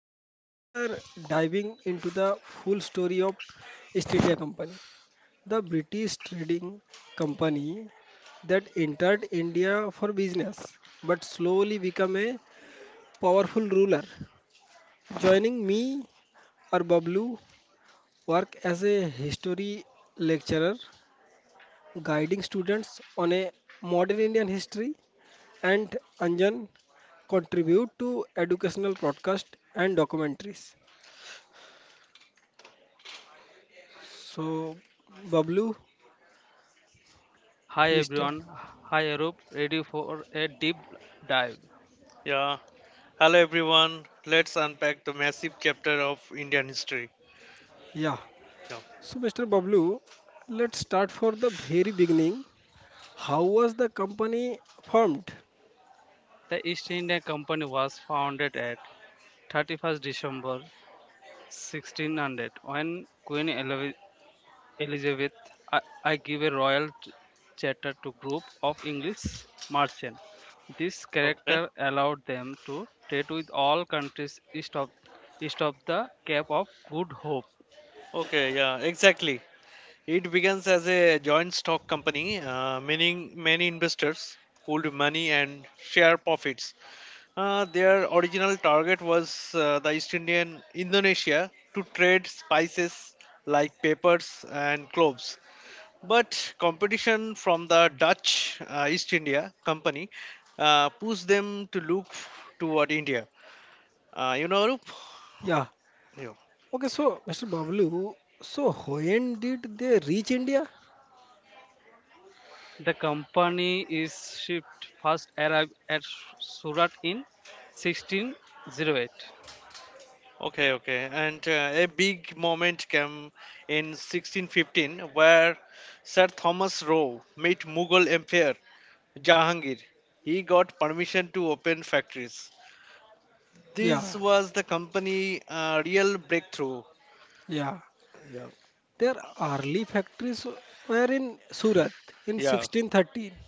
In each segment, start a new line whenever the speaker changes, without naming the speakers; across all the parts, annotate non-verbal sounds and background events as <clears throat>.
and today we are diving into the full story of East India Company, the British trading company that entered India for business but slowly became a powerful ruler. Joining me are Bablu, work as a history lecturer, guiding students on a modern Indian history and Anjan contribute to educational podcast and documentaries. So, Bablu,
Hi
please tell.
everyone, hi Arup, ready for a deep dive.
Yeah. Hello, everyone. Let's unpack the massive chapter of Indian history.
Yeah.
Yeah.
So, Mr. Bablu, let's start for the very beginning. How was the company formed?
The East India Company was founded at 31st December 1600 when Queen Elizabeth I give a royal charter to group of English merchants. This
Okay.
character allowed them to trade with all countries east of the Cape of Good Hope.
Okay. Yeah. Exactly. It begins as a joint stock company, meaning many investors pooled money and share profits. Their original target was the East Indian Indonesia to trade spices like peppers and cloves. But competition from the Dutch East India Company pushed them to look toward India. You know, Arup?
Yeah.
Yeah.
Okay, so, Mr. Bablu, so when did they reach India?
The company is shipped first arrived at Surat in 1608.
Okay, okay. And a big moment came in 1615 where Sir Thomas Roe met Mughal Emperor Jahangir. He got permission to open factories. This
Yeah.
was the company real breakthrough.
Yeah.
Yeah,
Their early factories were in Surat in
yeah,
1613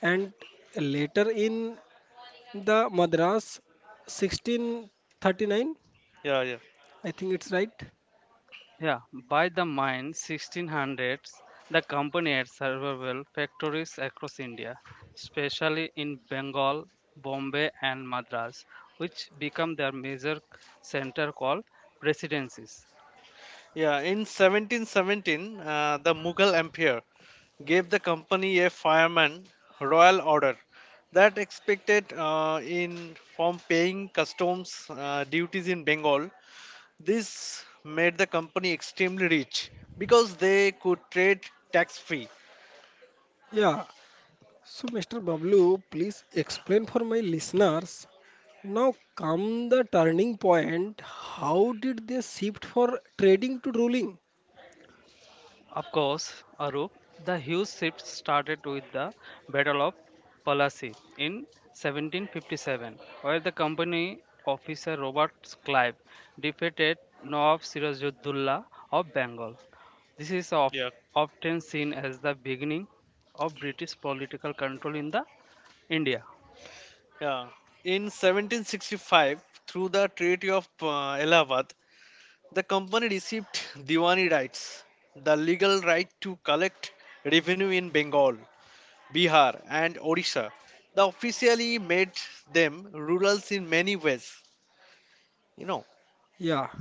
and later in The Madras 1639.
yeah, yeah.
I think it's right.
Yeah, by the mid 1600s, the company had several factories across India, especially in Bengal, Bombay, and Madras, which became their major center called presidencies.
Yeah, in 1717, the Mughal Empire gave the company a fireman royal order that expected in from paying customs duties in Bengal. This made the company extremely rich because they could trade tax free.
Yeah. So, Mr. Bablu, please explain for my listeners. Now come the turning point. How did they shift for trading to ruling?
Of course, Arup, the huge shift started with the Battle of Plassey in 1757, where the company officer Robert Clive defeated Nawab Sirajuddullah of Bengal. This is of,
Yeah.
often seen as the beginning of British political control in the India.
Yeah. In 1765, through the Treaty of Allahabad, the company received Diwani rights, the legal right to collect revenue in Bengal. Bihar, and Odisha. The officially made them rurals in many ways. You know,
Yeah.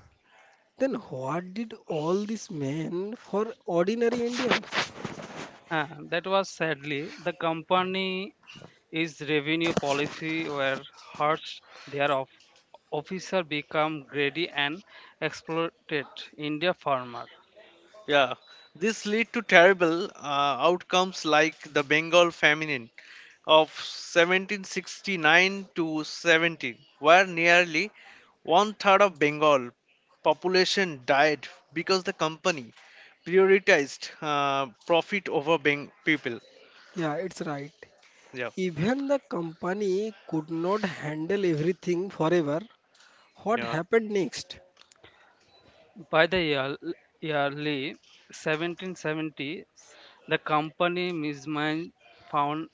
Then what did all this mean for ordinary Indians?
That was sadly the company is revenue policy were hurts their of officer become greedy and exploited India farmer.
yeah. This led to terrible outcomes like the Bengal famine of 1769 to 70, where nearly 1/3 of Bengal population died because the company prioritized profit over people.
Yeah, it's right.
Yeah,
Even the company could not handle everything forever. What
yeah,
happened next?
By the year, yearly 1770, the company mismanaged found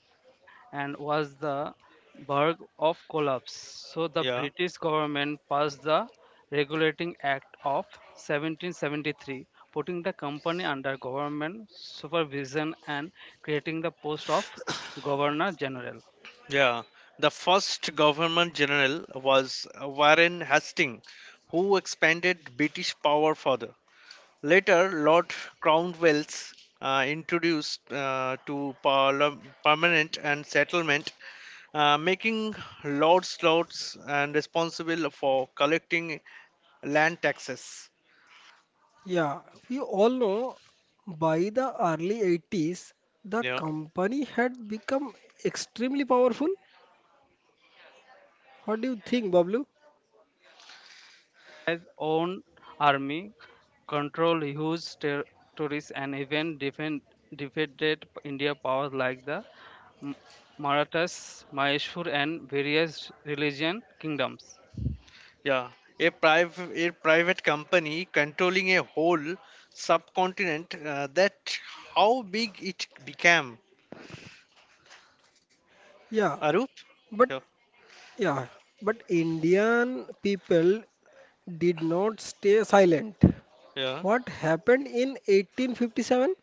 and was the Burg of Collapse. So the
yeah.
British government passed the Regulating Act of 1773, putting the company under government supervision and creating the post of Governor General.
Yeah, the first governor general was Warren Hastings, who expanded British power further. Later, Lord Cromwell's introduced to permanent and settlement, making lords and responsible for collecting land taxes.
Yeah, we all know by the early 80s, the
Yeah,
company had become extremely powerful. What do you think, Bablu?
His own army controlled huge territories and even defeated India powers like the M- Marathas, Mysore, and various religion kingdoms.
yeah. A private company controlling a whole subcontinent. That how big it became
Yeah,
Arup? Yeah,
but yeah, but Indian people did not stay silent.
yeah,
What happened in 1857?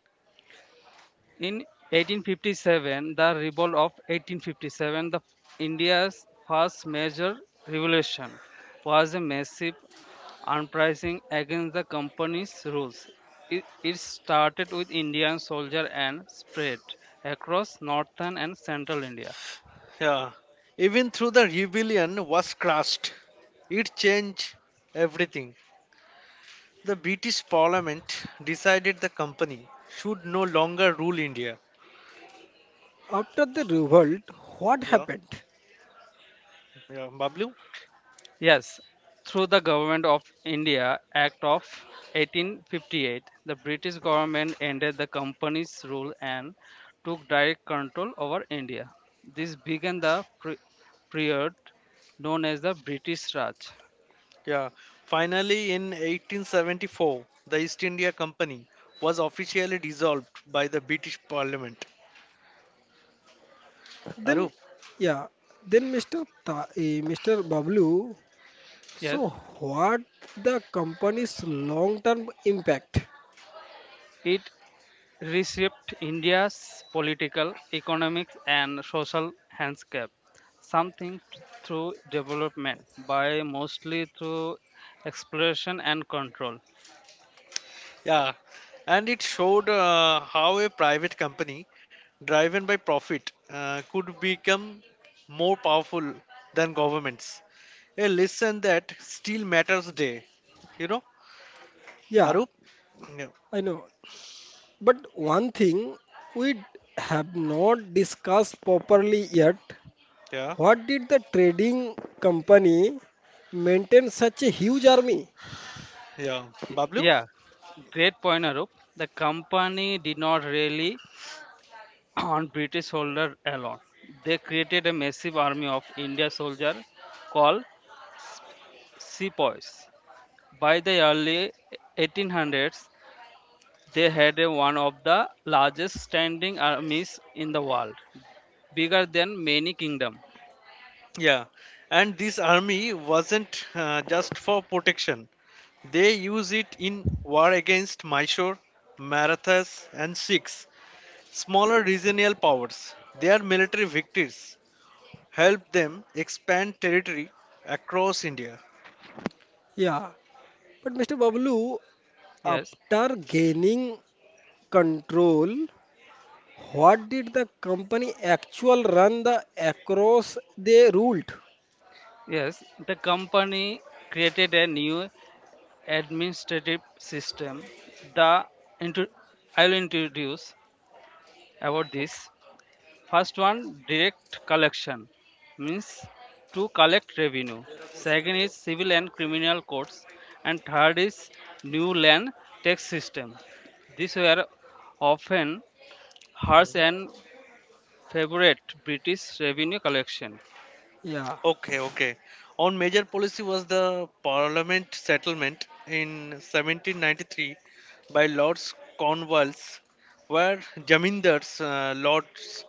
In 1857, the revolt of 1857, the India's first major revolution, was a massive uprising against the company's rules. It started with Indian soldiers and spread across northern and central India.
yeah. Even through the rebellion was crushed. It changed everything. The British Parliament decided the company should no longer rule India.
After the revolt, what
Yeah,
happened?
yeah, Bablu?
Yes, through the Government of India Act of 1858, the British government ended the company's rule and took direct control over India. This began the period known as the British Raj.
Yeah. Finally, in 1874, the East India Company was officially dissolved by the British Parliament. Arup?
Then, yeah, then Mr. Bablu,
Yes,
so what the company's long-term impact?
it reshaped India's political, economic, and social landscape. Something through development, by mostly through exploration and control.
Yeah, and it showed how a private company driven by profit could become more powerful than governments. A lesson that still matters today. You know,
Yeah,
Arup? Yeah,
I know. But one thing we have not discussed properly yet,
yeah,
what did the trading company maintain such a huge army?
yeah. Bablu?
Yeah, great point, Arup. The company did not really <clears throat> on British soldier alone. They created a massive army of India soldier called sepoys. By the early 1800s, they had a one of the largest standing armies in the world, bigger than many kingdoms.
Yeah. And this army wasn't just for protection. They use it in war against Mysore, Marathas, and Sikhs, smaller regional powers. They are military victories help them expand territory across India.
Yeah. But Mr. Bablu,
Yes,
after gaining control, what did the company actual run the across they ruled?
yes. The company created a new administrative system. The intu- I'll introduce about this. First one, direct collection means to collect revenue. Second is civil and criminal courts, and third is new land tax system. These were often harsh
Okay,
and favorite British revenue collection.
Yeah,
okay, okay. On major policy was the Parliament settlement in 1793 by Lords Cornwallis, where Jamindars lords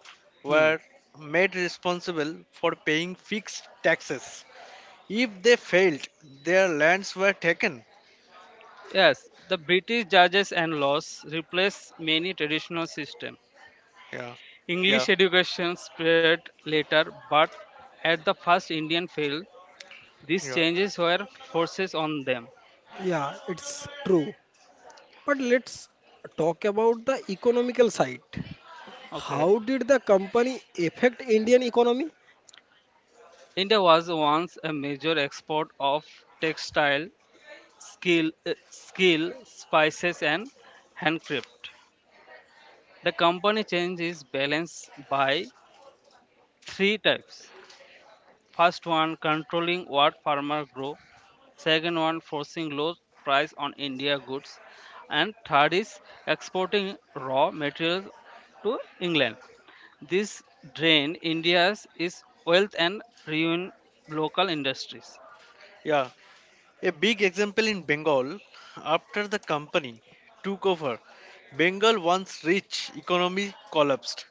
Hmm.
were made responsible for paying fixed taxes. If they failed, their lands were taken.
Yes, the British judges and laws replaced many traditional systems.
Yeah, yeah,
English education spread later, but at the first Indian failed. These
yeah,
changes were forces on them.
yeah, it's true. But let's talk about the economical side.
Okay.
How did the company affect Indian economy?
India was once a major export of textile, skill, spices and handcraft. The company changed its balance by three types. First one, controlling what farmer grow. Second one, forcing low price on India goods. And third is exporting raw materials to England. This drain India's is wealth and ruin local industries.
yeah. A big example in Bengal, after the company took over, Bengal once rich economy collapsed.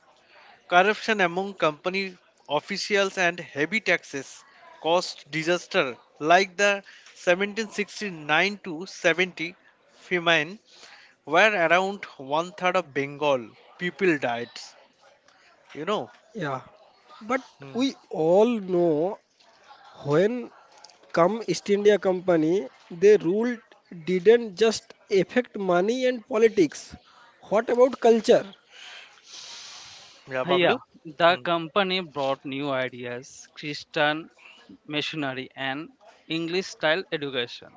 Corruption among company officials and heavy taxes caused disaster like the 1769 to 70 famine where around 1/3 of Bengal people died. You know,
Yeah, but
Hmm.
we all know when come East India Company, they ruled didn't just affect money and politics. What about culture?
Yeah,
Yeah,
Bablu.
the
Hmm.
company brought new ideas, Christian missionary, and English style education.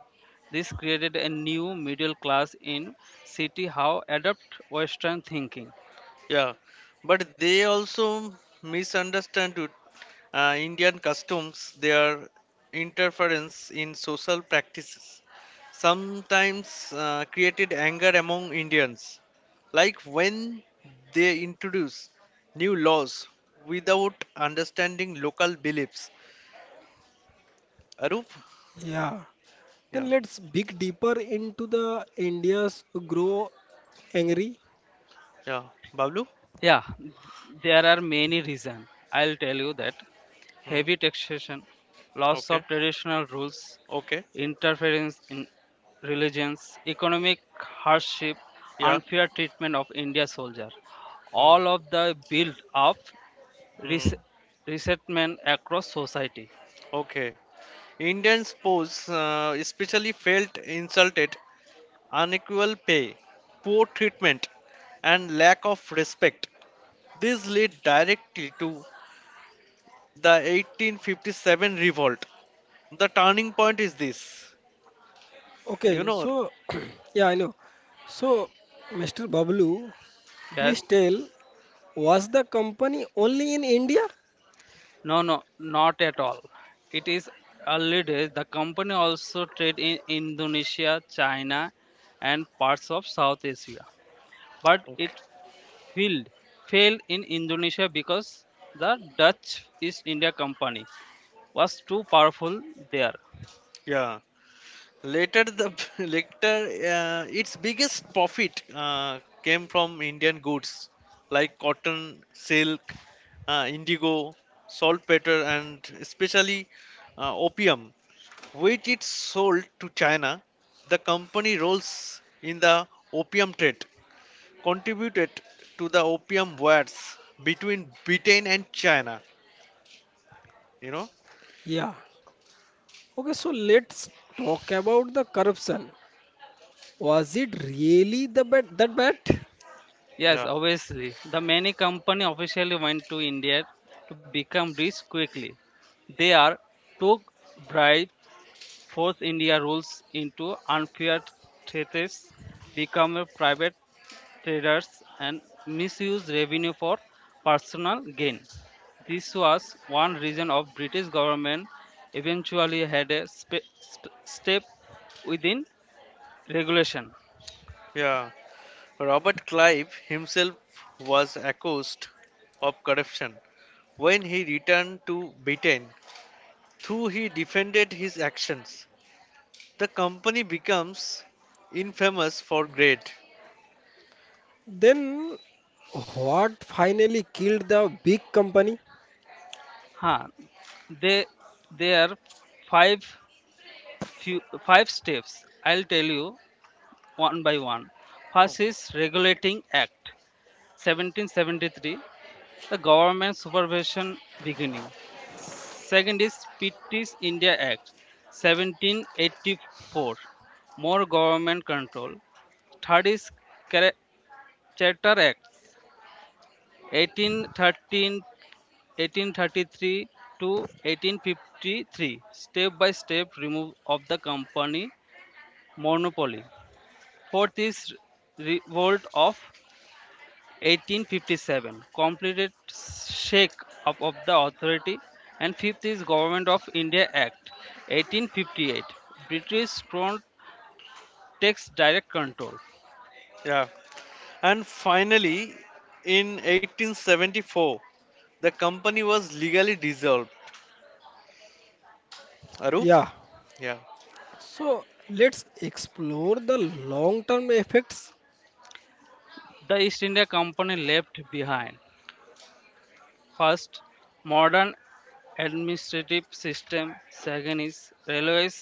This created a new middle class in city how adopt Western thinking.
Yeah, but they also misunderstood Indian customs, their interference in social practices, sometimes created anger among Indians. Like when they introduce new laws without understanding local beliefs. Arup?
Yeah.
Yeah,
Then let's dig deeper into the India's grow angry.
yeah. Bablu?
Yeah, there are many reasons. I'll tell you that
Hmm.
heavy taxation, loss
Okay,
of traditional rules,
okay.
interference in religions, economic hardship,
Yeah.
unfair treatment of India soldier.
Hmm.
All of the build up
Hmm.
res- resentment across society.
Okay. Indians pose especially felt insulted unequal pay, poor treatment, and lack of respect. This led directly to the 1857 revolt. The turning point is this. You
Okay,
know,
so <clears throat> yeah, I know. So, Mr. Bablu,
Yes?
please tell, was the company only in India?
No, no, not at all. It is early days. The company also trade in Indonesia, China, and parts of South Asia. But it
okay.
failed failed in Indonesia because the Dutch East India Company was too powerful there.
yeah. Later, the <laughs> later its biggest profit came from Indian goods like cotton, silk, indigo, saltpeter, and especially opium which it sold to China. The company roles in the opium trade contributed to the opium wars between Britain and China. You know?
Yeah. Okay, so let's talk about the corruption. Was it really that bad?
Yes,
Yeah.
obviously, the many company officially went to India to become rich quickly. They are took bribe force India rules into unfair treaties, become private traders, and misuse revenue for personal gain. This was one reason of British government eventually had a step within regulation.
Yeah. Robert Clive himself was accused of corruption. When he returned to Britain, though he defended his actions, the company becomes infamous for greed.
Then what finally killed the big company?
Huh. They there are five five steps. I'll tell you one by one. First
Okay.
is regulating act, 1773, the government supervision beginning. Second is Pitt's India act, 1784, more government control. Third is charter act, 1813, 1833 to 1853, step by step remove of the company monopoly. Fourth is revolt of 1857, completed shake up of the authority. And fifth is government of India act, 1858, British crown takes direct control.
Yeah. And finally, in 1874, the company was legally dissolved. Arup?
Yeah.
Yeah.
So let's explore the long-term effects.
The East India Company left behind, first, modern administrative system. Second is railways,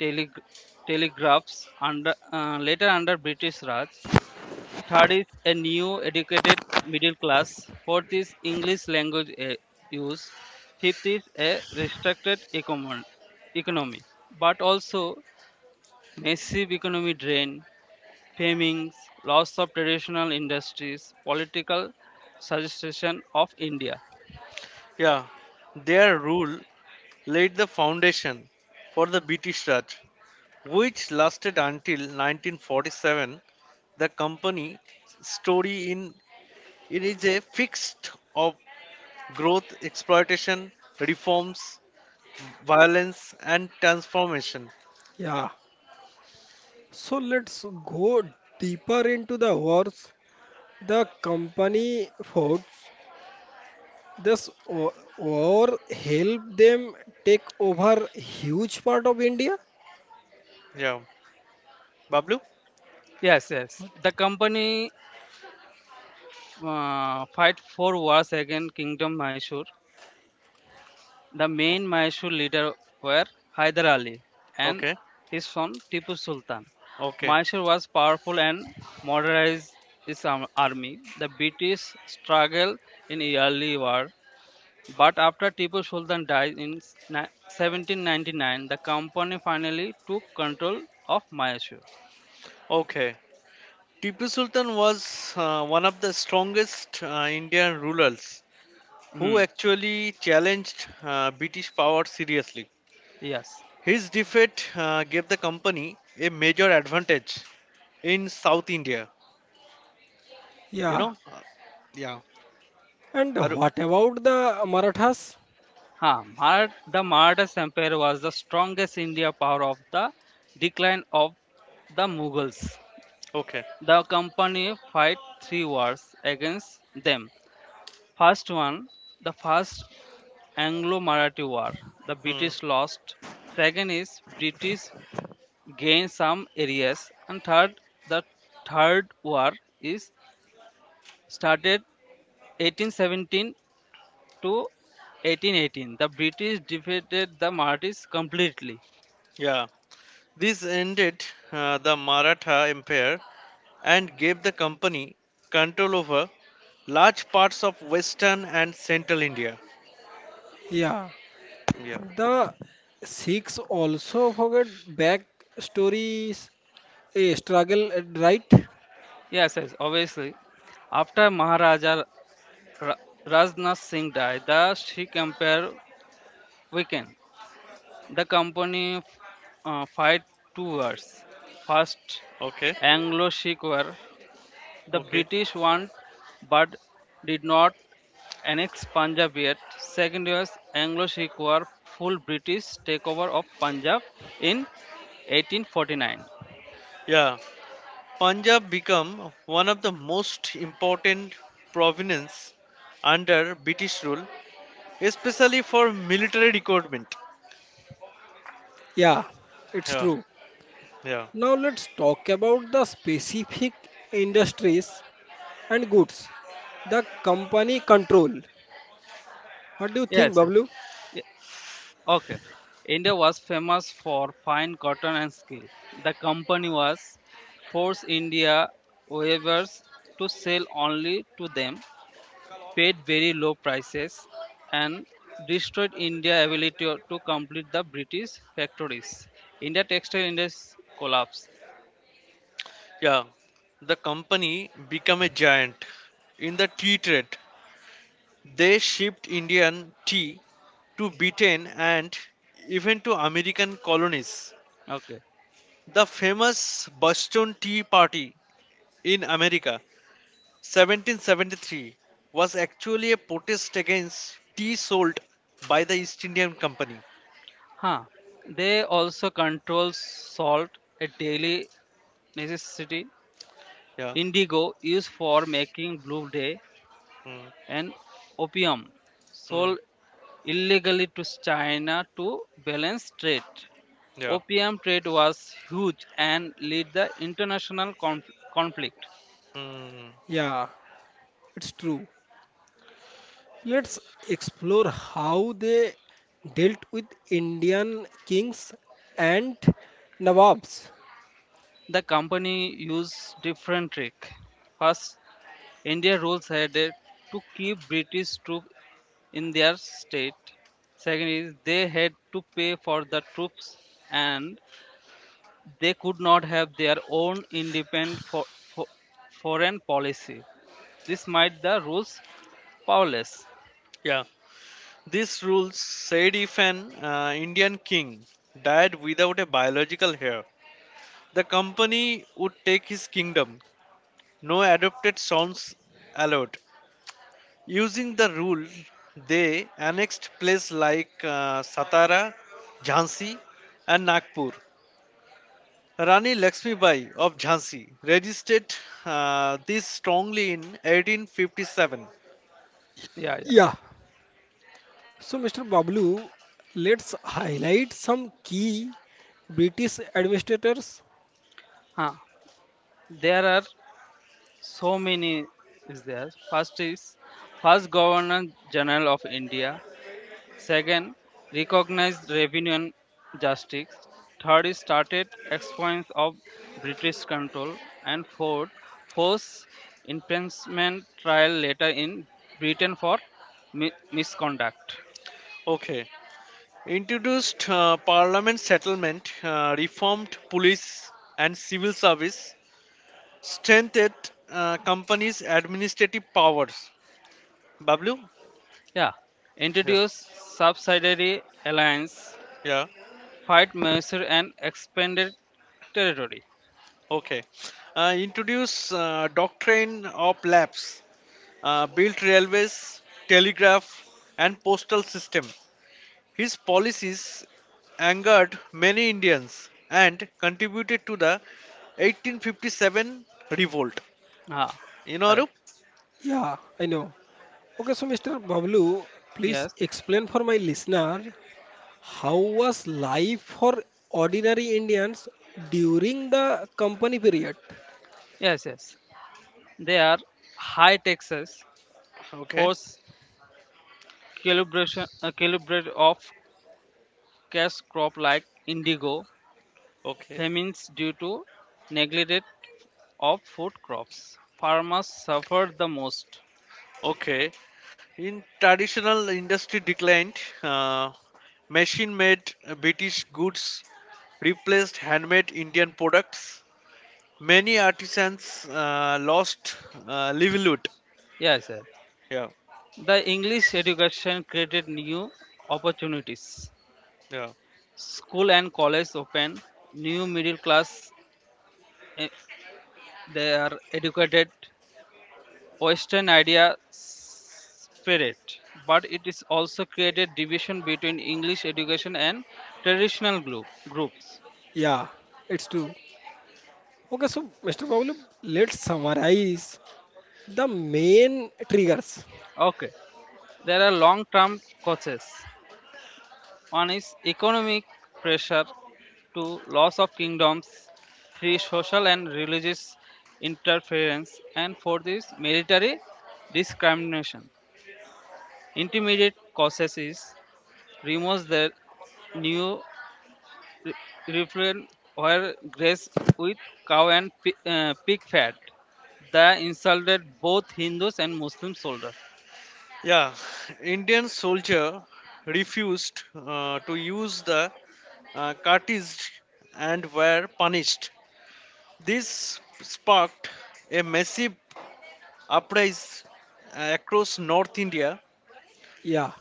tele- telegraphs, under later under British Raj. Third is a new educated middle class. Fourth is English language use. Fifth is a restricted economy. But also massive economy drain, famines, loss of traditional industries, political suggestion of India.
Yeah. Their rule laid the foundation for the British Raj, which lasted until 1947. The company story in it is a fixed of growth, exploitation, reforms, violence, and transformation.
Yeah. So let's go deeper into the wars. The company foughts. This war helped them take over huge part of India.
Yeah. Bablu?
Yes, yes. The company fight for wars against Kingdom Mysore. The
O-
main Mysore leader were Hyder Ali and
Okay.
his son Tipu Sultan.
Okay.
Mysore was powerful and modernized its army. The British struggled in the early war, but after Tipu Sultan died in 1799, the company finally took control of Mysore.
Okay. Tipu Sultan was one of the strongest Indian rulers who
Hmm.
actually challenged British power seriously.
Yes.
His defeat gave the company a major advantage in South India. You
Yeah,
know, Uh, yeah.
and
Aru-
what about the Marathas?
Huh. The Maratha Empire was the strongest India power of the decline of the Mughals.
okay.
The company fight three wars against them. First one, the first Anglo-Marathi War. The
Hmm.
British lost. Second is British gained some areas, and third, the third war is started 1817 to 1818. The British defeated the Marathis completely.
Yeah. This ended the Maratha Empire and gave the company control over large parts of Western and Central India.
Yeah,
Yeah.
the Sikhs also forget back stories, a struggle, right?
Yes, yes, obviously. After Maharaja Ra- Rajnath Singh died, the Sikh Empire weakened. The company fight two wars. First,
Okay.
Anglo-Sikh War. The
Okay.
British won, but did not annex Punjab yet. Second was Anglo-Sikh War, full British takeover of Punjab in 1849.
Yeah. Punjab became one of the most important provinces under British rule especially for military recruitment.
Yeah, it's
Yeah,
true.
yeah,
Now let's talk about the specific industries and goods. The company control. What do you think,
Yes, sir.
Bablu?
Ye- Okay. India was famous for fine cotton and skill. The company was forced India weavers to sell only to them. Paid very low prices and destroyed India's ability to complete the British factories. India textile industry collapsed.
yeah. The company became a giant in the tea trade. They shipped Indian tea to Britain and even to American colonies.
Okay.
The famous Boston Tea Party in America, 1773, was actually a protest against tea sold by the East Indian Company.
Huh. They also control salt, a daily necessity,
Yeah.
indigo used for making blue day,
Mm,
and opium
mm,
sold illegally to China to balance trade.
yeah.
Opium trade was huge and led the international conflict.
Mm,
Yeah, it's true. Let's explore how they dealt with Indian kings and nawabs.
The company used different trick. First, India rules had it to keep British troops in their state. Second is they had to pay for the troops and they could not have their own independent for, foreign policy. This made the rules powerless.
yeah. This rule said if an Indian king died without a biological heir, the company would take his kingdom. No adopted sons allowed. Using the rule, they annexed places like Satara, Jhansi, and Nagpur. Rani Lakshmi Bai of Jhansi registered this strongly in 1857.
Yeah, yeah.
Yeah, so, Mr. Bablu, let's highlight some key British administrators.
Huh. There are so many is there. First is first Governor General of India. Second, recognized revenue and justice. Third, is started expansion of British control. And fourth, forced imprisonment trial later in Britain for misconduct.
Okay, introduced parliament settlement, reformed police and civil service, strengthened companies' administrative powers. Bablu?
Yeah,
Yeah.
introduce subsidiary alliance,
Yeah.
fight mercer and expanded territory.
Okay. Introduce doctrine of labs, built railways, telegraph, and postal system. His policies angered many Indians and contributed to the 1857 revolt.
Ah,
You know, Arup?
correct.
Yeah, I know. Okay, so Mr. Bablu, please
Yes,
explain for my listener how was life for ordinary Indians during the company period?
yes, yes. They are high taxes,
Okay.
force calibration, calibrate of cash crop like indigo,
Okay.
famines due to neglect of food crops. Farmers suffered the most.
Okay, in traditional industry declined, uh, machine-made British goods replaced handmade Indian products. Many artisans lost livelihood.
Yes, sir.
Yeah,
The English education created new opportunities.
yeah,
School and college open, new middle class eh, they are educated, Western idea spread. But it is also created division between English education and traditional groups.
Yeah, it's true. Okay, so Mr. Bablu, let's summarize the main triggers.
Okay. There are long term causes. One is economic pressure, two, loss of kingdoms, three, social and religious interference, and fourth is military discrimination. Intermediate causes is remove the new re- refrain where grace with cow and pig fat. The insulted both Hindus and Muslim soldiers.
yeah. Indian soldier refused to use the cartridge and were punished. This sparked a massive uprising across North India.
Yeah.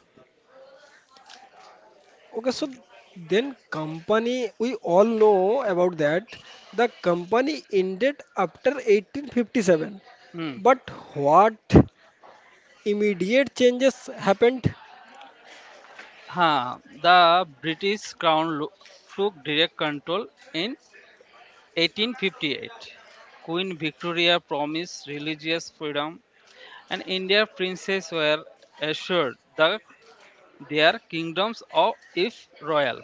Okay, so then company, we all know about that. The company ended after 1857. But what immediate changes happened?
Huh, the British Crown took direct control in 1858. Queen Victoria promised religious freedom, and Indian princes were assured that their kingdoms of if royal.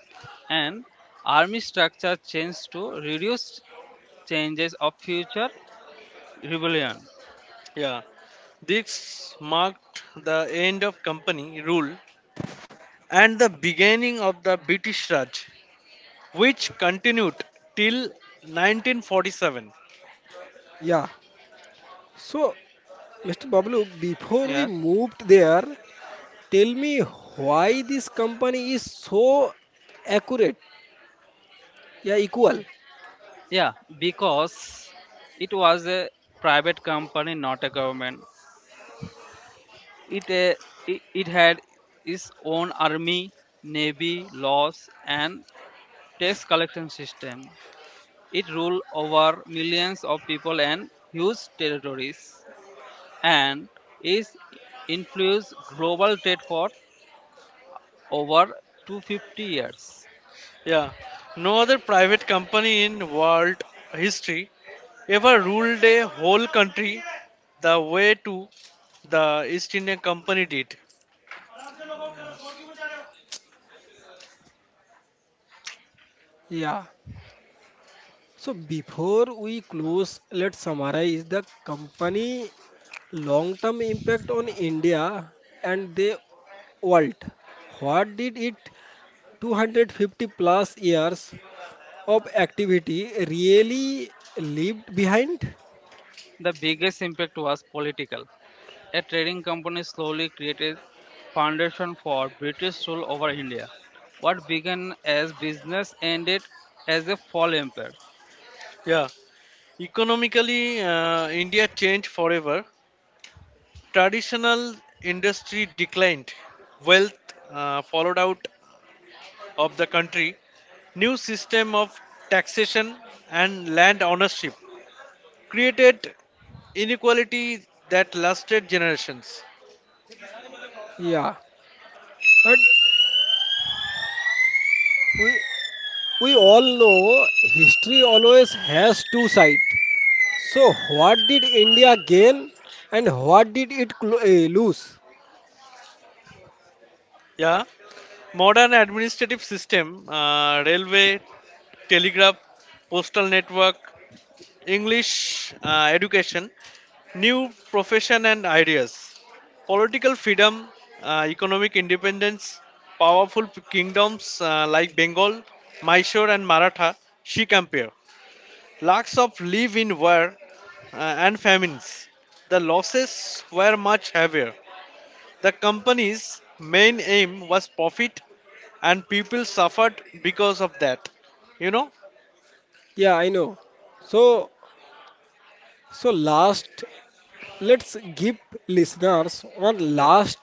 And army structure changed to reduce changes of future rebellion.
Yeah, this marked the end of company rule and the beginning of the British Raj, which continued till 1947.
Yeah. So, Mr. Bablu, before we
Yeah,
moved there, tell me why this company is so accurate. Yeah, equal.
yeah, because it was a private company, not a government. It, uh, it had its own army, navy, laws, and tax collection system. It ruled over millions of people and huge territories, and its influenced global trade for over 250 years.
Yeah, no other private company in world history ever ruled a whole country the way to the East India Company did.
Yeah. So before we close, let's summarize the company long-term impact on India and the world. What did it 250 plus years of activity really left behind?
The biggest impact was political. A trading company slowly created foundation for British rule over India. What began as business ended as a fall empire.
Yeah, economically, India changed forever. Traditional industry declined. Wealth followed out of the country. New system of taxation and land ownership created inequality that lasted generations.
Yeah, but we we all know history always has two sides. So what did India gain and what did it lose?
Yeah, modern administrative system, railway, telegraph, postal network, English education, new profession and ideas, political freedom, economic independence, powerful kingdoms like Bengal, Mysore and Maratha, Sikh Empire. Lakhs of live in war and famines. The losses were much heavier. The company's main aim was profit, and people suffered because of that. You know?
Yeah, I know. So So last, let's give listeners one
Yeah.
last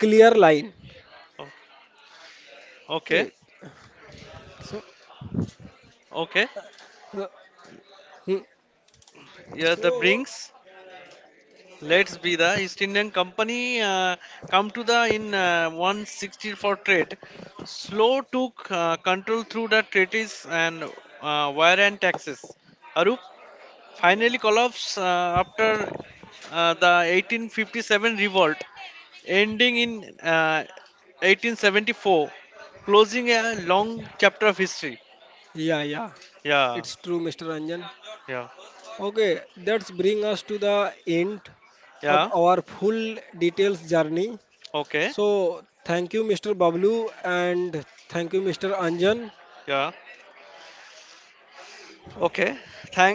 clear line.
O- Okay.
Okay. So,
Okay.
uh, hmm.
Yeah, the
so
Brinks. Let's be the East Indian Company come to the in 160 for trade. Slow took control through the treaties and wire and taxes. Arup? Finally collapsed after the 1857 revolt, ending in uh, 1874, closing a long chapter of history.
yeah, yeah,
Yeah,
it's true, Mr. Ranjan.
yeah,
Okay, that's bring us to the end of
yeah.
our full details journey.
Okay,
So thank you, Mr. Bablu, and thank you, Mr. Anjan.
yeah, okay.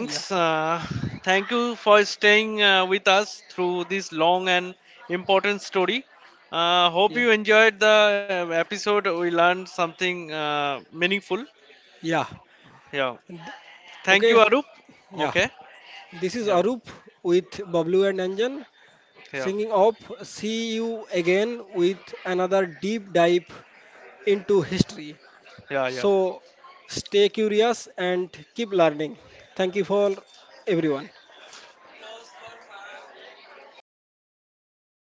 Yeah,
Thank you for staying with us through this long and important story. Hope
yeah,
you enjoyed the episode. We learned something meaningful.
yeah.
Yeah. Thank
Okay,
you, Arup.
yeah.
Okay.
This is
Yeah.
Arup with Bablu and Anjan.
Yeah,
Singing of see you again with another deep dive into history.
yeah, yeah.
So stay curious and keep learning. Thank you for everyone.